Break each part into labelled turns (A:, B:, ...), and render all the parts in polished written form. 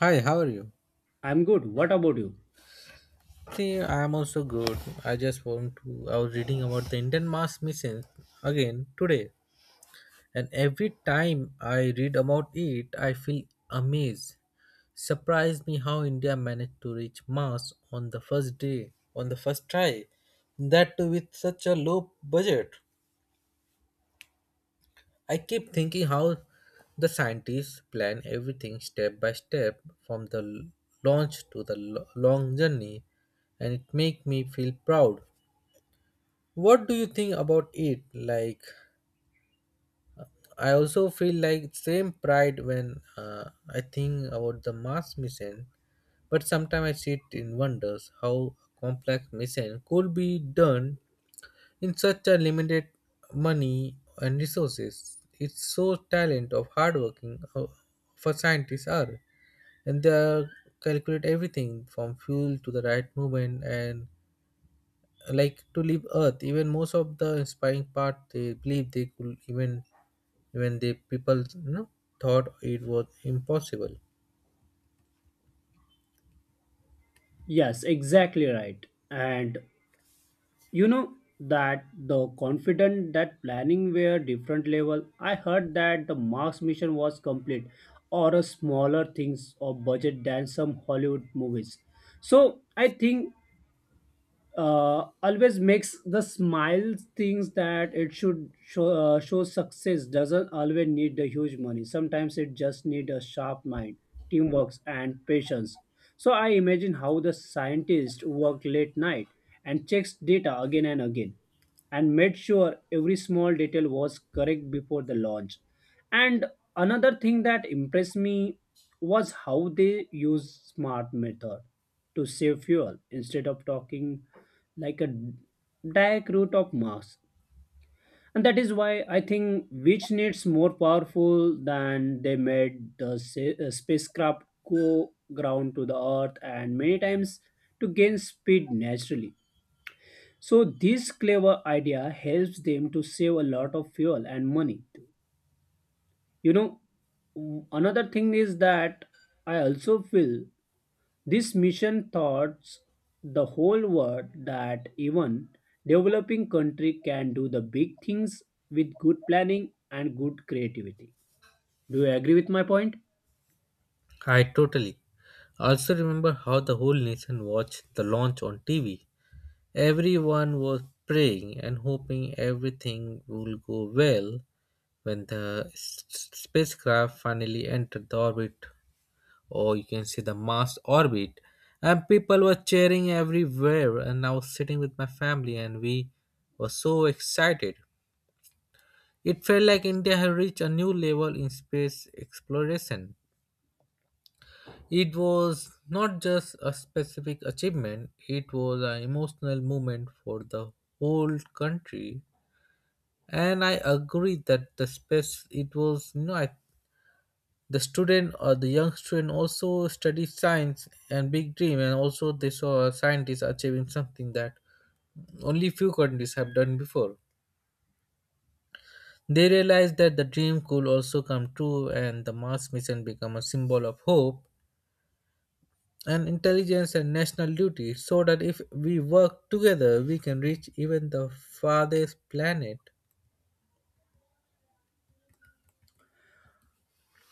A: Hi, how are you?
B: I'm good. What about you?
A: See, I am also good. I just want to. I was reading about the Indian mass mission again today, and every time I read about it, I feel amazed. Surprised me how India managed to reach Mars on the first day, on the first try, that too with such a low budget. I keep thinking how the scientists plan everything step by step from the l- launch to the long journey, and it makes me feel proud. What do you think about it? Like, I also feel like same pride when I think about the Mars mission, but sometimes I sit in wonders how a complex mission could be done in such a limited money and resources. It's so talent of hardworking of a scientists are, and they are calculate everything from fuel to the right movement, and like to leave Earth. Even most of the inspiring part, they believe they could even when the people thought it was impossible.
B: Yes, exactly right. And you know that the confident that planning were different level. I heard that the Mars mission was complete or a smaller things or budget than some Hollywood movies. So I think always makes the smile things that it should show, show success doesn't always need the huge money, sometimes it just need a sharp mind, teamwork and patience. So I imagine how the scientist worked late night and checks data again and again and made sure every small detail was correct before the launch. And another thing that impressed me was how they use smart method to save fuel instead of talking like a direct route of Mars. And that is why I think which needs more powerful than they made the spacecraft go ground to the Earth and many times to gain speed naturally. So this clever idea helps them to save a lot of fuel and money. You know, Another thing is that I also feel this mission taught the whole world that even developing country can do the big things with good planning and good creativity. Do you agree with my point?
A: I totally. I also remember how the whole nation watched the launch on TV. Everyone was praying and hoping everything will go well when the spacecraft finally entered the orbit, or you can see the Mars orbit. And people were cheering everywhere. And I was sitting with my family, and we were so excited. It felt like India had reached a new level in space exploration. It was not just a specific achievement, it was an emotional moment for the whole country. And I agree that the space, it was, you know, I the student, or the young student, also studied science and big dream, and also they saw scientists achieving something that only few countries have done before. They realized that the dream could also come true, and the Mars mission become a symbol of hope and intelligence and national duty. So that if we work together, we can reach even the farthest planet.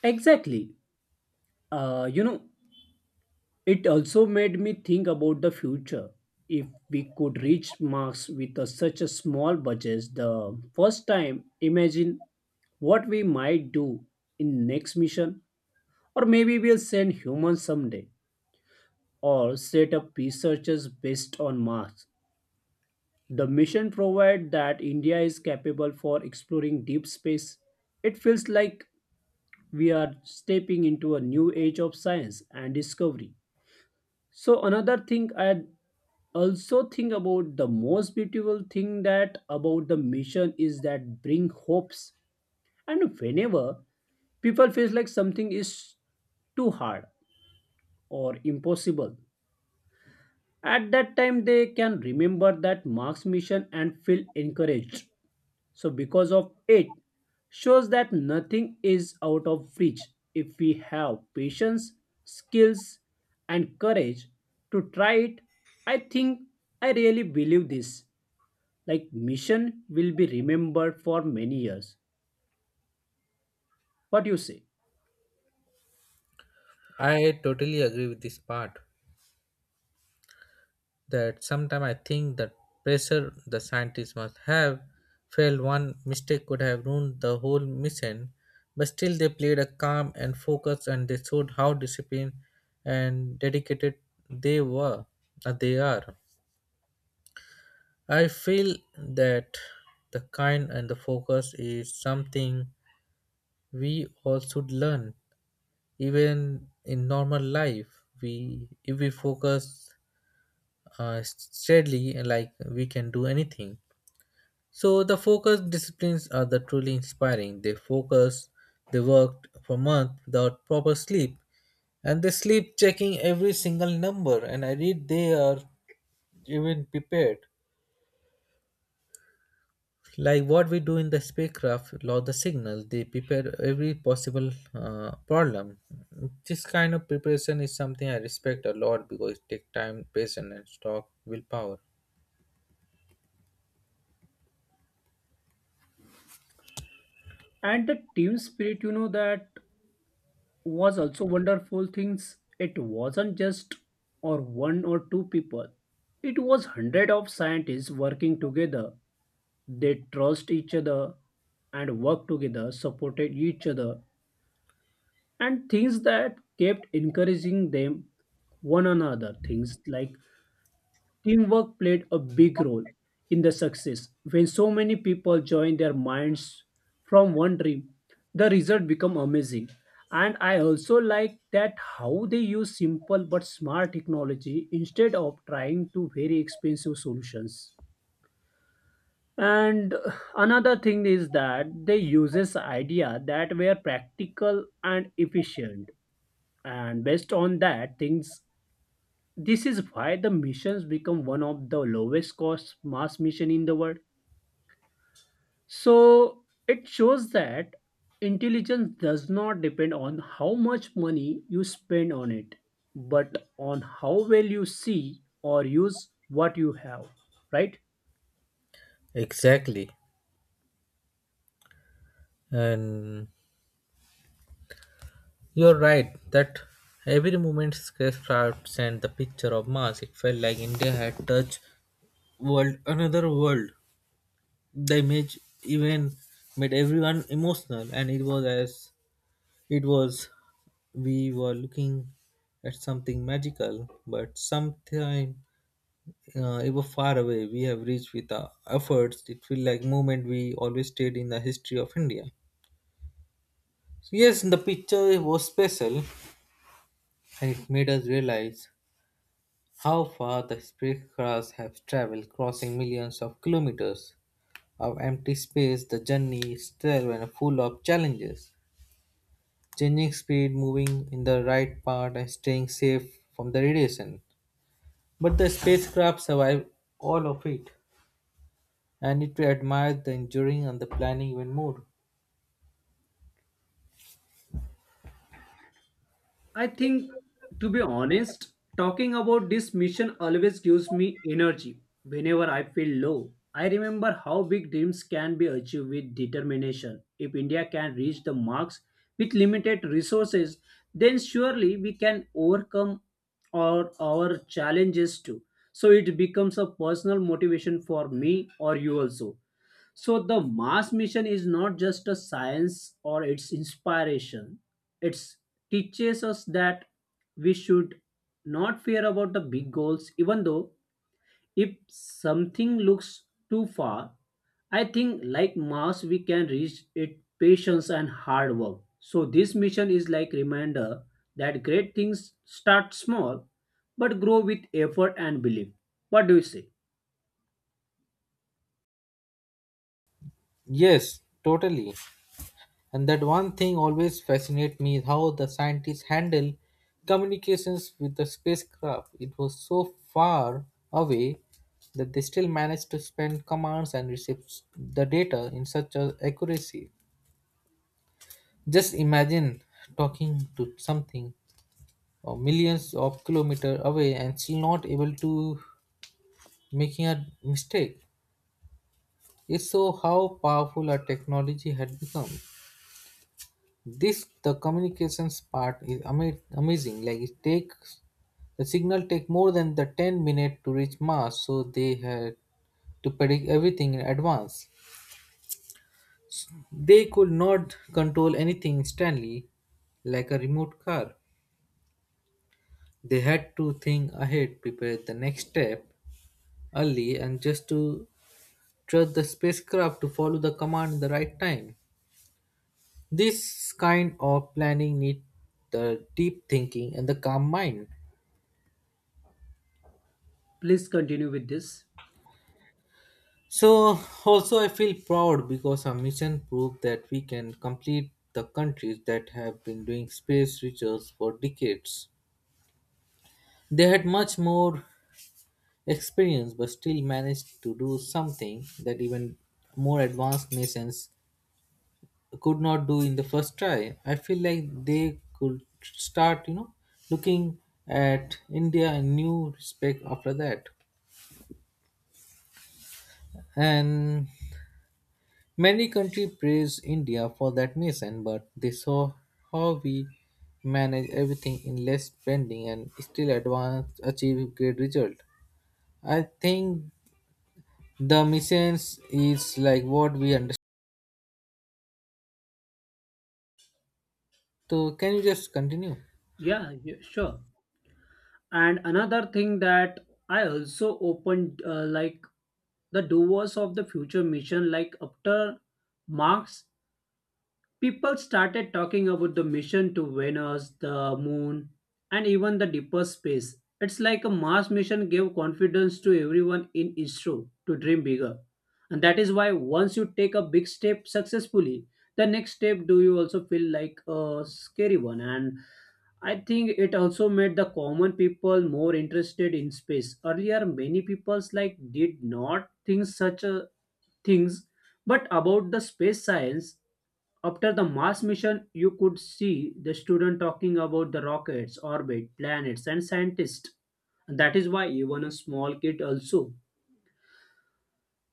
B: Exactly. Uh, you know, It also made me think about the future. If we could reach Mars with such a small budget the first time, imagine what we might do in next mission. Or maybe we'll send humans someday or set up researchers based on Mars. The mission provide that India is capable for exploring deep space. It feels like we are stepping into a new age of science and discovery. So another thing I also think about, the most beautiful thing that about the mission is that bring hopes. And whenever people feels like something is too hard or impossible, at that time they can remember that mark's mission and feel encouraged. So because of it shows that nothing is out of reach if we have patience, skills and courage to try it. I think I really believe this like mission will be remembered for many years. What do you say?
A: I totally agree with this part, that sometimes I think that pressure the scientists must have felt. One mistake could have ruined the whole mission, but still they played a calm and focus, and they showed how disciplined and dedicated they were they are. I feel that the kind and the focus is something we all should learn even in normal life. We, if we focus steadily, like, we can do anything. So the focus disciplines are the truly inspiring. They focus, they worked for months without proper sleep, and they sleep checking every single number. And I read they are even prepared. Like what we do in the spacecraft, law the signals, they prepare every possible problem. This kind of preparation is something I respect a lot because it takes time, patience, and stock willpower.
B: And the team spirit, you know, that was also wonderful things. It wasn't just or one or two people, it was hundred of scientists working together. They trust each other and worked together, supported each other, and things that kept encouraging them. One another things like teamwork played a big role in the success. When so many people join their minds from one dream, the result become amazing. And I also like that how they use simple but smart technology instead of trying to very expensive solutions. And another thing is that they uses idea that were practical and efficient and based on that things, this is why the missions become one of the lowest cost mass mission in the world. So it shows that intelligence does not depend on how much money you spend on it, but on how well you see or use what you have, right?
A: Exactly. And you're right that every movement spacecraft sent the picture of Mars. It felt like India had touched world another world. The image even made everyone emotional, and it was as it was we were looking at something magical, but sometime it was far away. We have reached with our efforts. It felt like moment we always stayed in the history of India. So, yes, the picture was special, and it made us realize. How far the spacecrafts have traveled, crossing millions of kilometers of empty space, the journey is still and full of challenges. Changing speed, moving in the right path, and staying safe from the radiation. But the spacecraft survived all of it, and it admired the enduring and the planning even more.
B: I think, to be honest, talking about this mission always gives me energy. Whenever I feel low, I remember how big dreams can be achieved with determination. If India can reach the marks with limited resources, then surely we can overcome our challenges too. So it becomes a personal motivation for me or you also. So the Mars mission is not just a science or its inspiration. It teaches us that we should not fear about the big goals, even though if something looks too far, I think like Mars we can reach it patience and hard work. So this mission is like reminder that great things start small but grow with effort and belief. What do you say?
A: Yes, totally. And that one thing always fascinates me is how the scientists handle communications with the spacecraft. It was so far away that they still managed to send commands and receive the data in such a accuracy. Just imagine talking to something millions of kilometers away and still not able to making a mistake. It's so how powerful our technology had become. This the communications part is ama- amazing, like, it takes the signal take more than the 10 minute to reach Mars, so they had to predict everything in advance. They could not control anything instantly, like a remote car. They had to think ahead, prepare the next step early, and just to trust the spacecraft to follow the command in the right time. This kind of planning need the deep thinking and the calm mind.
B: Please continue with this.
A: So also I feel proud because our mission proved that we can complete the countries that have been doing space research for decades. They had much more experience but still managed to do something that even more advanced nations could not do in the first try. I feel like they could start, looking at India in new respect after that. And many countries praise India for that mission, but they saw how we manage everything in less spending and still advance achieve great result. I think the missions is like what we understand. So can you just continue?
B: Yeah, yeah, sure. And another thing that I also opened like the doers of the future mission like after marx, people started talking about the mission to Venus, the moon, and even the deeper space. It's like a Mars mission gave confidence to everyone in ISRO to dream bigger. And that is why once you take a big step successfully, the next step do you also feel like a scary one. And I think it also made the common people more interested in space. Earlier, many peoples like did not think such a things but about the space science, after the Mars mission, you could see the student talking about the rockets, orbit, planets, and scientists. And that is why even a small kid also.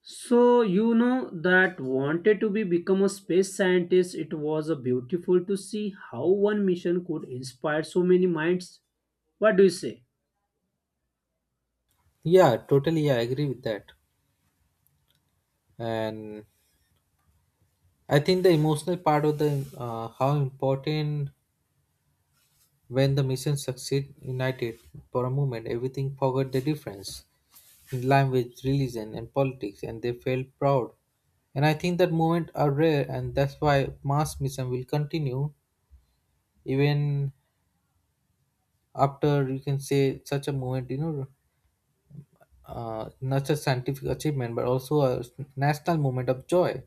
B: So you know that wanted to be become a space scientist. It was a beautiful to see how one mission could inspire so many minds. What do you say?
A: Yeah, totally. I agree with that. And I think the emotional part of the how important when the mission succeed united for a moment, everything forgot the difference. In language, religion, and politics, and they felt proud. And I think that movements are rare, and that's why mass mission will continue even after you can say such a movement, not just scientific achievement, but also a national movement of joy.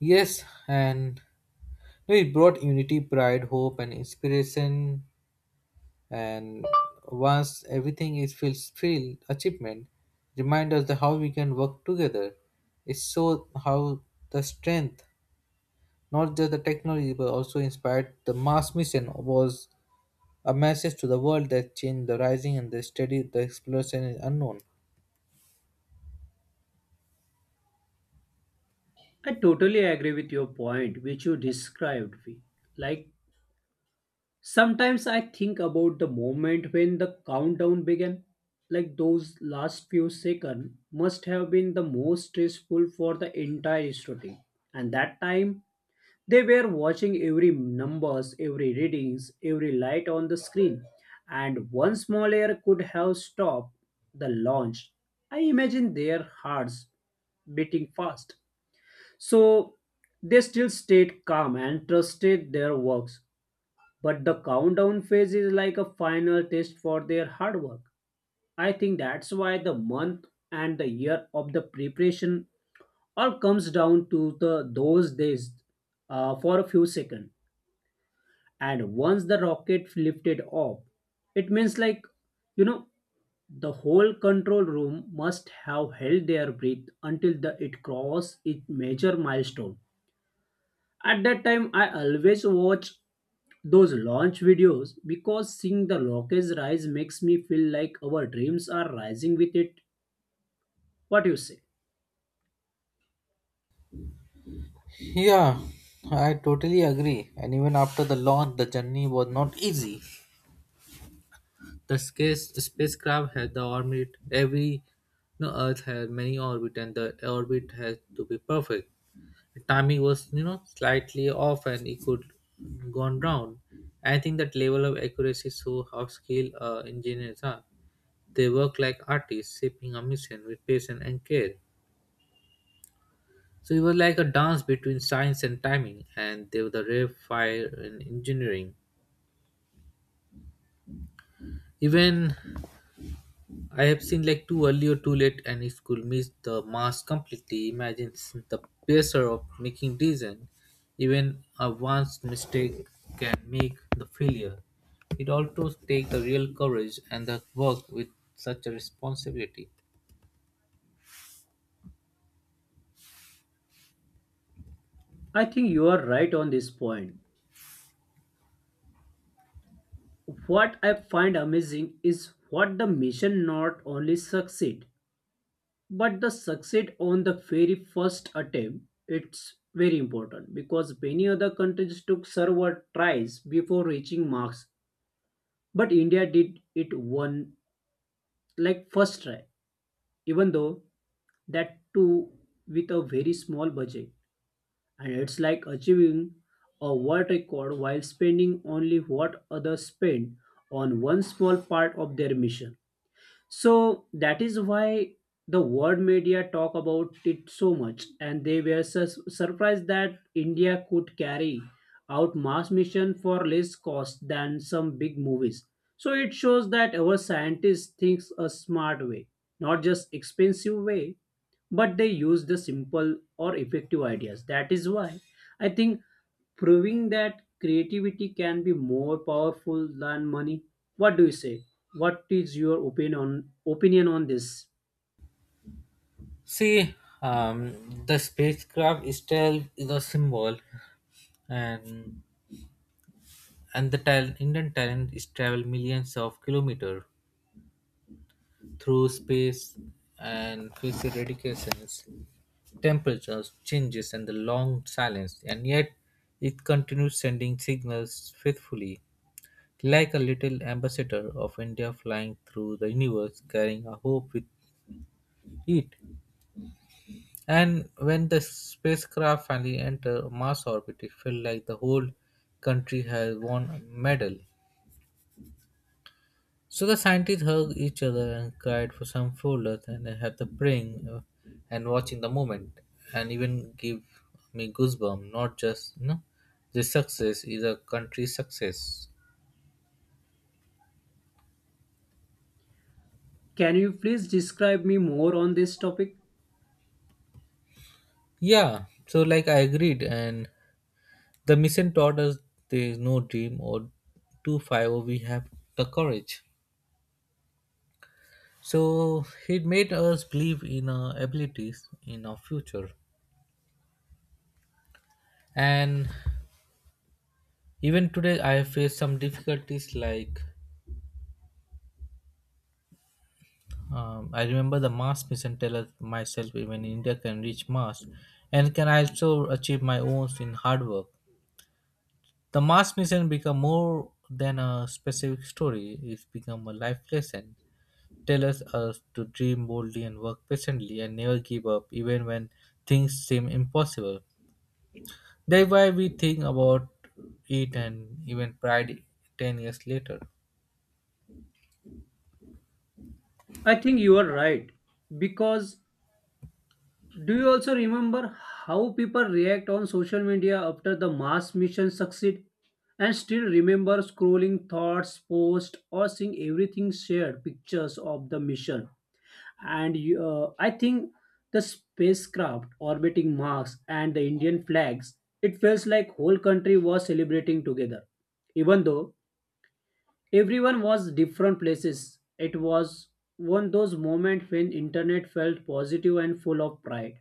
A: Yes, and you know, it brought unity, pride, hope, and inspiration. And once everything is feels filled achievement, remind us the how we can work together. It shows how the strength, not just the technology but also inspired the Mars mission, was a message to the world that changed the rising and the steady the exploration is unknown.
B: I totally agree with your point, which you described. We like sometimes I think about the moment when the countdown began. Like those last few seconds must have been the most stressful for the entire student. And that time they were watching every numbers, every readings, every light on the screen. And one small error could have stopped the launch. I imagine their hearts beating fast. So they still stayed calm and trusted their works. But the countdown phase is like a final test for their hard work. I think that's why the month and the year of the preparation all comes down to the those days for a few seconds. And once the rocket lifted off, it means like you know the whole control room must have held their breath until the, it crossed its major milestone. At that time, I always watch those launch videos because seeing the Lokes rise makes me feel like our dreams are rising with it. What you say?
A: Yeah, I totally agree, and even after the launch, the journey was not easy. The space spacecraft had the orbit every, you know, Earth had many orbit, and the orbit had to be perfect. The timing was, you know, slightly off, and it could gone down. I think that level of accuracy shows how skilled engineers are. They work like artists, shaping a mission with patience and care. So it was like a dance between science and timing, and they were the rare fire in engineering. Even I have seen like too early or too late, and it could miss the mass completely. Imagine the pressure of making decision. Even a once mistake can make the failure. It also takes the real courage and the work with such a responsibility.
B: I think you are right on this point. What I find amazing is what the mission not only succeed, but the succeed on the very first attempt. It's very important because many other countries took several tries before reaching marks, but India did it one like first try, even though that too with a very small budget. And it's like achieving a world record while spending only what others spend on one small part of their mission. So that is why the world media talk about it so much and they were surprised that India could carry out mass mission for less cost than some big movies. So it shows that our scientists thinks a smart way, not just expensive way, but they use the simple or effective ideas. That is why I think proving that creativity can be more powerful than money. What do you say? What is your opinion on this?
A: See, the spacecraft itself is a symbol, and Indian talent is travel millions of kilometers through space and face eradications. Temperatures, changes, and the long silence, and yet it continues sending signals faithfully, like a little ambassador of India flying through the universe carrying a hope with it. And when the spacecraft finally entered Mars orbit, it felt like the whole country had won a medal. So the scientists hugged each other and cried for some folders, and I had the praying, and watching the moment and even give me goosebumps, not just. This success is a country's success.
B: Can you please describe me more on this topic?
A: Yeah, so like I agreed, and the mission taught us there is no dream or too far or we have the courage. So it made us believe in our abilities in our future. And even today I face some difficulties like, I remember the Mars mission tell myself even India can reach Mars and can also achieve my own in hard work. The Mars mission become more than a specific story. It's become a life lesson. Tell us, us to dream boldly and work patiently and never give up even when things seem impossible. That's why we think about it and even pride 10 years later.
B: I think you are right because do you also remember how people react on social media after the mass mission succeed and still remember scrolling thoughts, posts or seeing everything shared pictures of the mission? And I think the spacecraft orbiting Mars and the Indian flags, it feels like whole country was celebrating together. Even though everyone was different places, it was one those moments when internet felt positive and full of pride.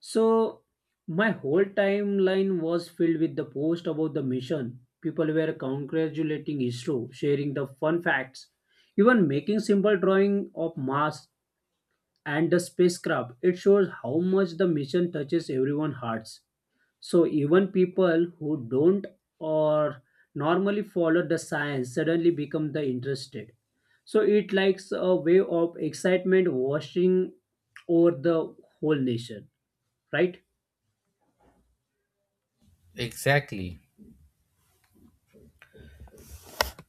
B: So my whole timeline was filled with the post about the mission. People were congratulating ISRO, sharing the fun facts, even making simple drawing of Mars and the spacecraft. It shows how much the mission touches everyone's hearts. So even people who don't or normally follow the science suddenly become the interested. So it likes a wave of excitement washing over the whole nation, right?
A: Exactly.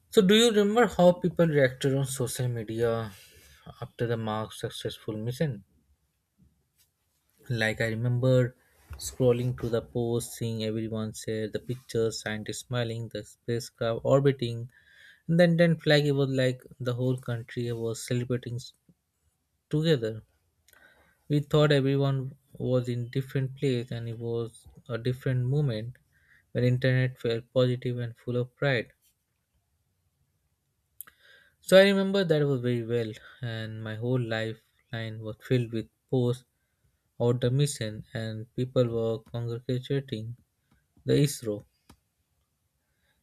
A: So, do you remember how people reacted on social media after the Mark's successful mission? Like, I remember scrolling through the posts, seeing everyone share the pictures, scientists smiling, the spacecraft orbiting, and then flag. It was like the whole country was together. We thought everyone was in different place, and it was a different moment when internet felt positive and full of pride. So I remember that was very well, and my whole lifeline was filled with posts about the mission, and people were congratulating the ISRO,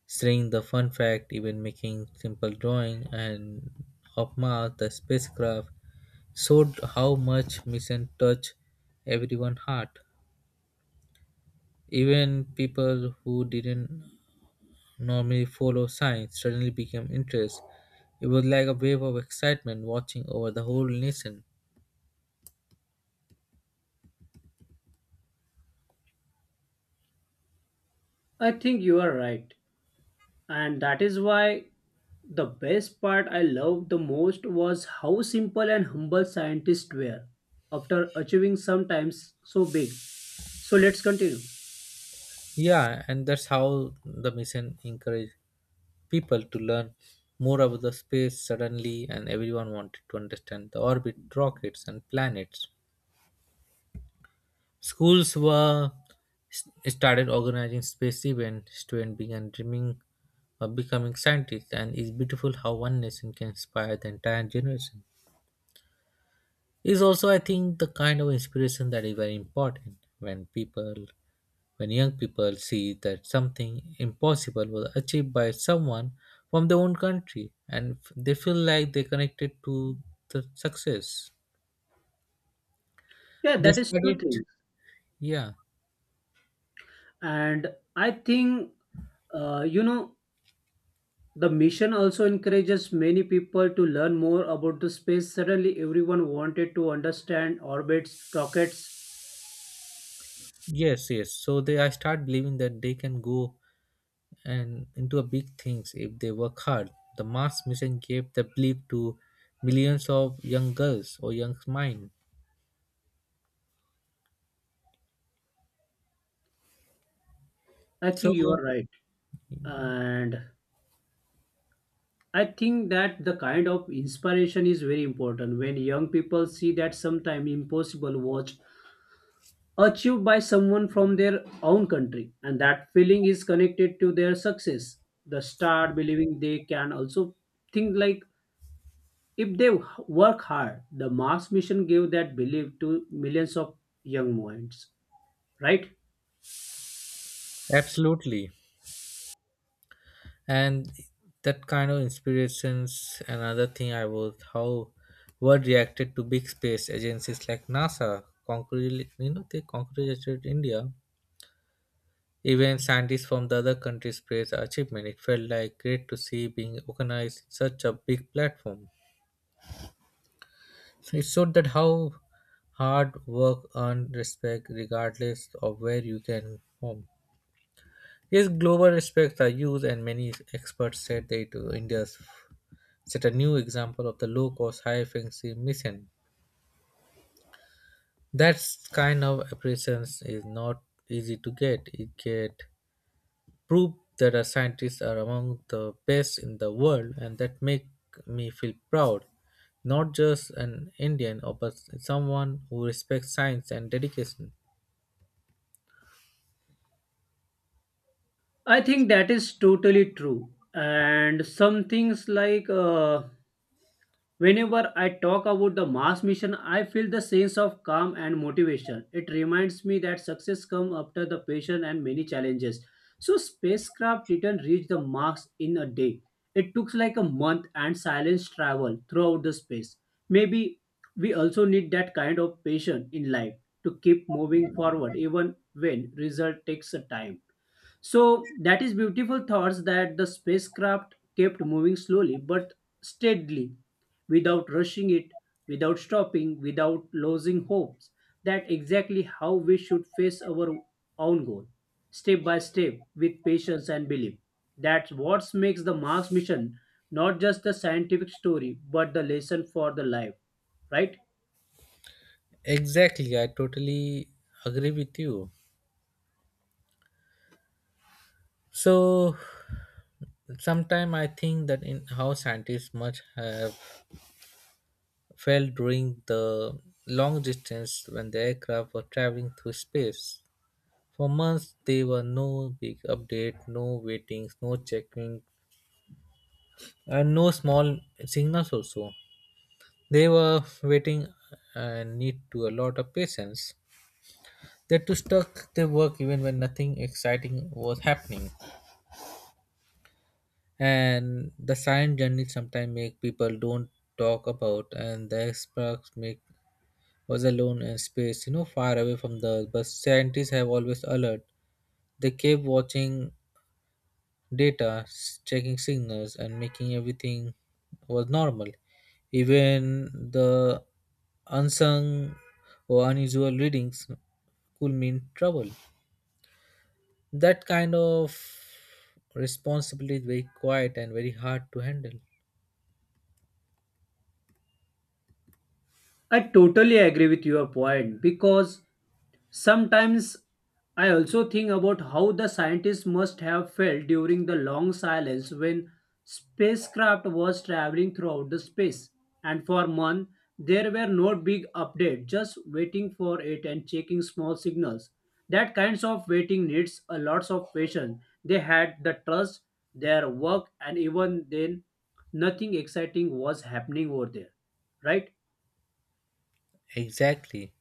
A: sharing the fun fact, even making simple drawing and of Mars, the spacecraft showed how much mission touched everyone's heart. Even people who didn't normally follow science suddenly became interested. It was like a wave of excitement watching over the whole nation.
B: I think you are right. And that is why the best part I loved the most was how simple and humble scientists were after achieving sometimes so big. So let's continue.
A: Yeah, and that's how the mission encouraged people to learn more about the space suddenly, and everyone wanted to understand the orbit, rockets, and planets. Schools were started organizing space events. Students began dreaming of becoming scientists, and it's beautiful how one nation can inspire the entire generation. Is also, I think, the kind of inspiration that is very important when people When young people see that something impossible was achieved by someone from their own country and they feel like they connected to the success.
B: Yeah,
A: They
B: that is true
A: started,
B: thing.
A: yeah,
B: And I think, uh, you know, the mission also encourages many people to learn more about the space. Suddenly, everyone wanted to understand orbits, rockets.
A: yes, yes. So they I start believing that they can go and into a big things if they work hard. The mass mission gave the belief to millions of young girls or young mind.
B: I
A: So
B: think you are right. And I think that the kind of inspiration is very important when young people see that sometimes impossible was achieved by someone from their own country and that feeling is connected to their success. The start believing they can also think like if they work hard, the Mars mission gave that belief to millions of young minds, right?
A: absolutely. And that kind of inspirations another thing I was how word reacted to big space agencies like NASA concretely, you know, they congratulated India. Even scientists from the other countries praised our achievement. It felt like great to see being organized in such a big platform. So it showed that how hard work earned respect regardless of where you can home. Yes, global respects are used and many experts said that it was India's set a new example of the low cost, high efficiency mission. That kind of appreciation is not easy to get. It get proof that our scientists are among the best in the world, and that make me feel proud, not just an Indian, or but someone who respects science and dedication.
B: I think that is totally true. And some things like whenever I talk about the Mars mission, I feel the sense of calm and motivation. It reminds me that success comes after the patience and many challenges. So spacecraft didn't reach the Mars in a day. It took like a month and silence travel throughout the space. Maybe we also need that kind of patience in life to keep moving forward even when result takes a time. So that is beautiful thoughts that the spacecraft kept moving slowly but steadily, without rushing it, without stopping, without losing hopes. That exactly how we should face our own goal, step by step, with patience and belief. That's what makes the Mars mission not just a scientific story, but the lesson for the life, right?
A: Exactly, I totally agree with you. So, sometimes I think that in how scientists must have fell during the long distance when the aircraft were traveling through space. For months, there were no big update, no waitings, no checking, and no small signals also. They were waiting and need to a lot of patience. They too stuck their work even when nothing exciting was happening. And the silent journey sometimes make people don't talk about and the experts make was alone in space, you know, far away from the Earth. But scientists have always alert. They kept watching data, checking signals, and making everything was normal. Even the unsung or unusual readings could mean trouble. That kind of responsibility is very quiet and very hard to handle.
B: I totally agree with your point because sometimes I also think about how the scientists must have felt during the long silence when spacecraft was traveling throughout the space, and for months there were no big update, just waiting for it and checking small signals. That kinds of waiting needs a lot of patience. They had the trust their work and even then nothing exciting was happening over there, right?
A: Exactly.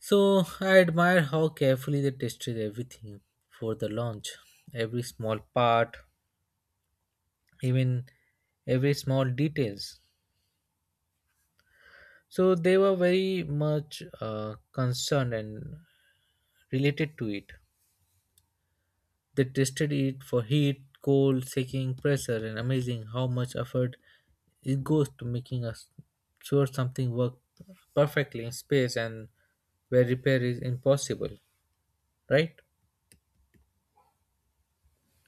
A: So I admire how carefully they tested everything for the launch, every small part, even every small details. So they were very much concerned and related to it. They tested it for heat, cold, shaking, pressure, and amazing how much effort it goes to making us sure something works perfectly in space and where repair is impossible, right?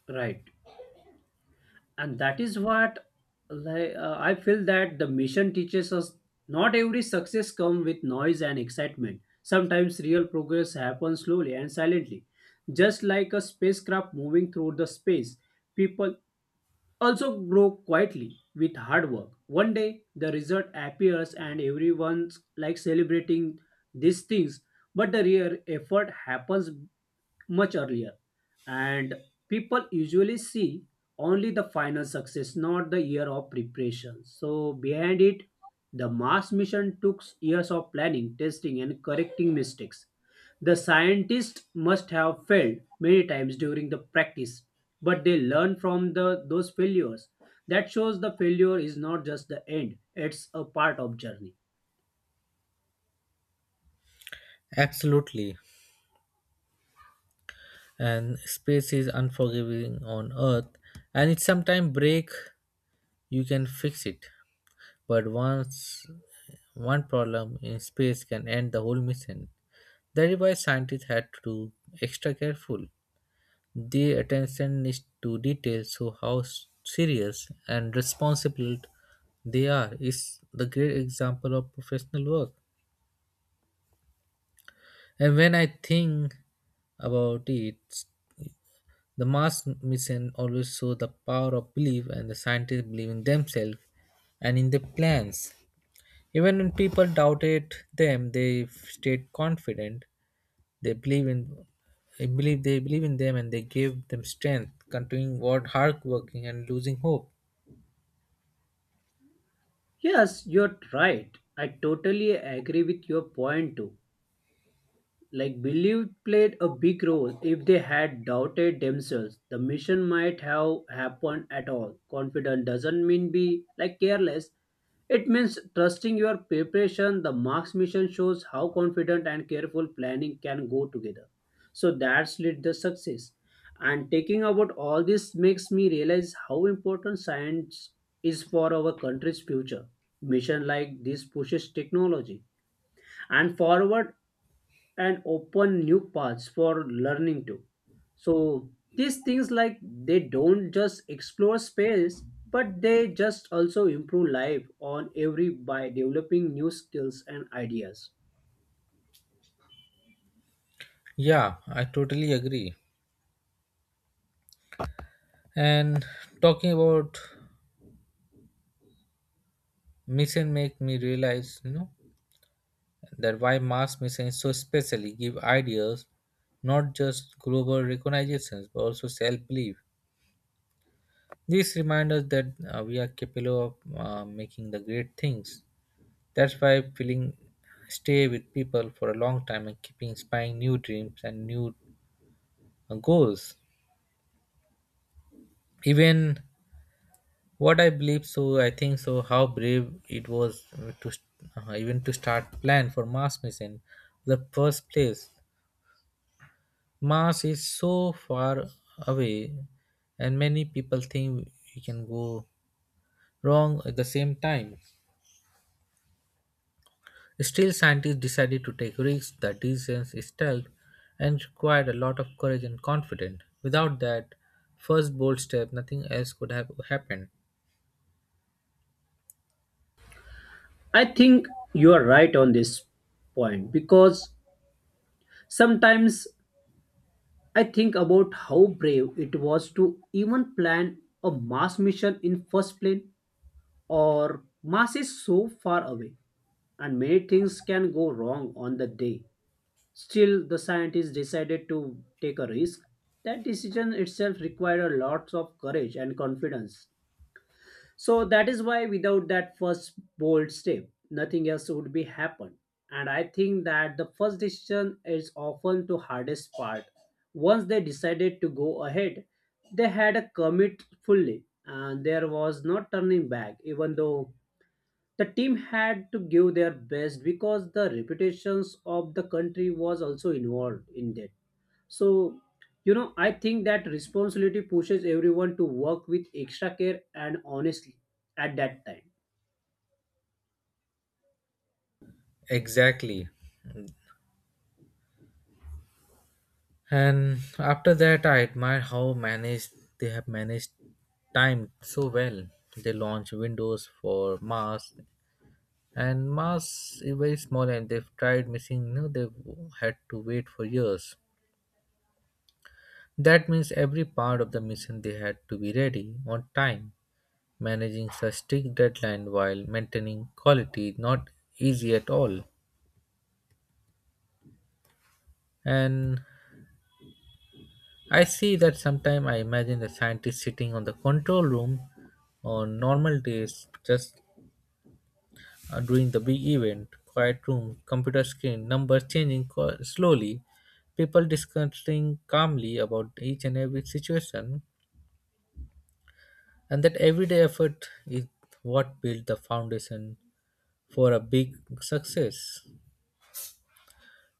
B: Right. And that is what, I feel that the mission teaches us not every success comes with noise and excitement. Sometimes real progress happens slowly and silently, just like a spacecraft moving through the space. People also grow quietly with hard work. One day the result appears and everyone's like celebrating these things, but the real effort happens much earlier, and people usually see only the final success, not the year of preparation. So, behind it, the Mars mission took years of planning, testing, and correcting mistakes. The scientists must have failed many times during the practice, but they learn from those failures. That shows the failure is not just the end, it's a part of journey.
A: Absolutely. And space is unforgiving on earth and it sometimes break, you can fix it, but once one problem in space can end the whole mission. That is why scientists had to do extra careful. The attention is to detail, so how serious and responsible they are is the great example of professional work. And when I think about it, the mass mission always show the power of belief and the scientists believe in themselves and in their plans. Even when people doubted them, they stayed confident. They believe in they believe in them and they gave them strength, continuing what hard working and losing hope.
B: Yes, you're right. I totally agree with your point too. Like, belief played a big role. If they had doubted themselves, the mission might have happened at all. Confident doesn't mean be like careless. It means trusting your preparation. The Marx mission shows how confident and careful planning can go together. So that's led the success. And taking about all this makes me realize how important science is for our country's future. Mission like this pushes technology and forward and open new paths for learning too. So these things like they don't just explore space, but they just also improve life on every by developing new skills and ideas.
A: Yeah, I totally agree. And talking about mission make me realize, you know, that why mass media so especially give ideas, not just global recognitions but also self-belief. This reminds us that we are capable of making the great things. That's why feeling stay with people for a long time and keep inspiring new dreams and new goals. Even what I believe, so I think so how brave it was to even to start plan for Mars mission the first place. Mars is so far away, and many people think we can go wrong at the same time. Still, scientists decided to take risks. The distance is tough and required a lot of courage and confidence. Without that first bold step, nothing else could have happened.
B: I think you are right on this point because sometimes I think about how brave it was to even plan a Mars mission in first plane. Or Mars is so far away and many things can go wrong on the day. Still, the scientists decided to take a risk. That decision itself required a lot of courage and confidence. So that is why without that first bold step, nothing else would be happened. And I think that the first decision is often the hardest part. Once they decided to go ahead, they had a commit fully and there was no turning back, even though the team had to give their best because the reputations of the country was also involved in that. So, you know, I think that responsibility pushes everyone to work with extra care and honestly at that time.
A: Exactly. And after that, I admire how managed they have managed time so well. They launched Windows for Mars and Mars is very small, and they've tried missing. You know, they've had to wait for years. That means every part of the mission they had to be ready on time. Managing such strict deadline while maintaining quality is not easy at all. And I see that sometimes I imagine the scientist sitting on the control room on normal days, just during the big event, quiet room, computer screen, numbers changing slowly, people discussing calmly about each and every situation, and that everyday effort is what built the foundation for a big success.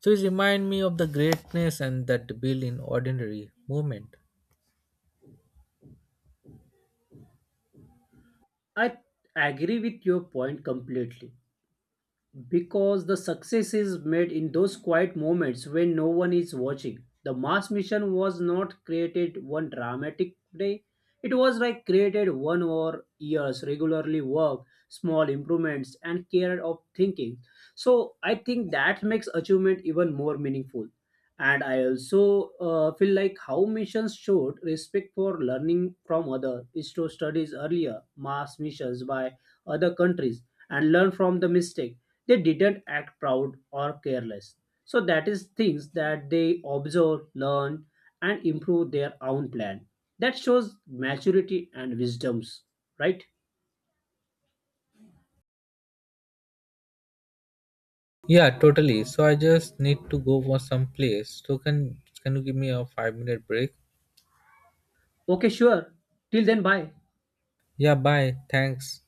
A: So it reminds me of the greatness and that built in ordinary moment.
B: I agree with your point completely because the success is made in those quiet moments when no one is watching. The Mars mission was not created one dramatic day. It was like created one over years, regularly work, small improvements, and care of thinking. So I think that makes achievement even more meaningful. And I also feel like how missions showed respect for learning from other is to studies earlier mass missions by other countries and learn from the mistake. They didn't act proud or careless, so that is things that they observe, learn, and improve their own plan. That shows maturity and wisdoms, right?
A: Yeah, totally. So I just need to go for some place. So can you give me a 5 minute break?
B: Okay, sure. Till then, bye.
A: Yeah, bye. Thanks.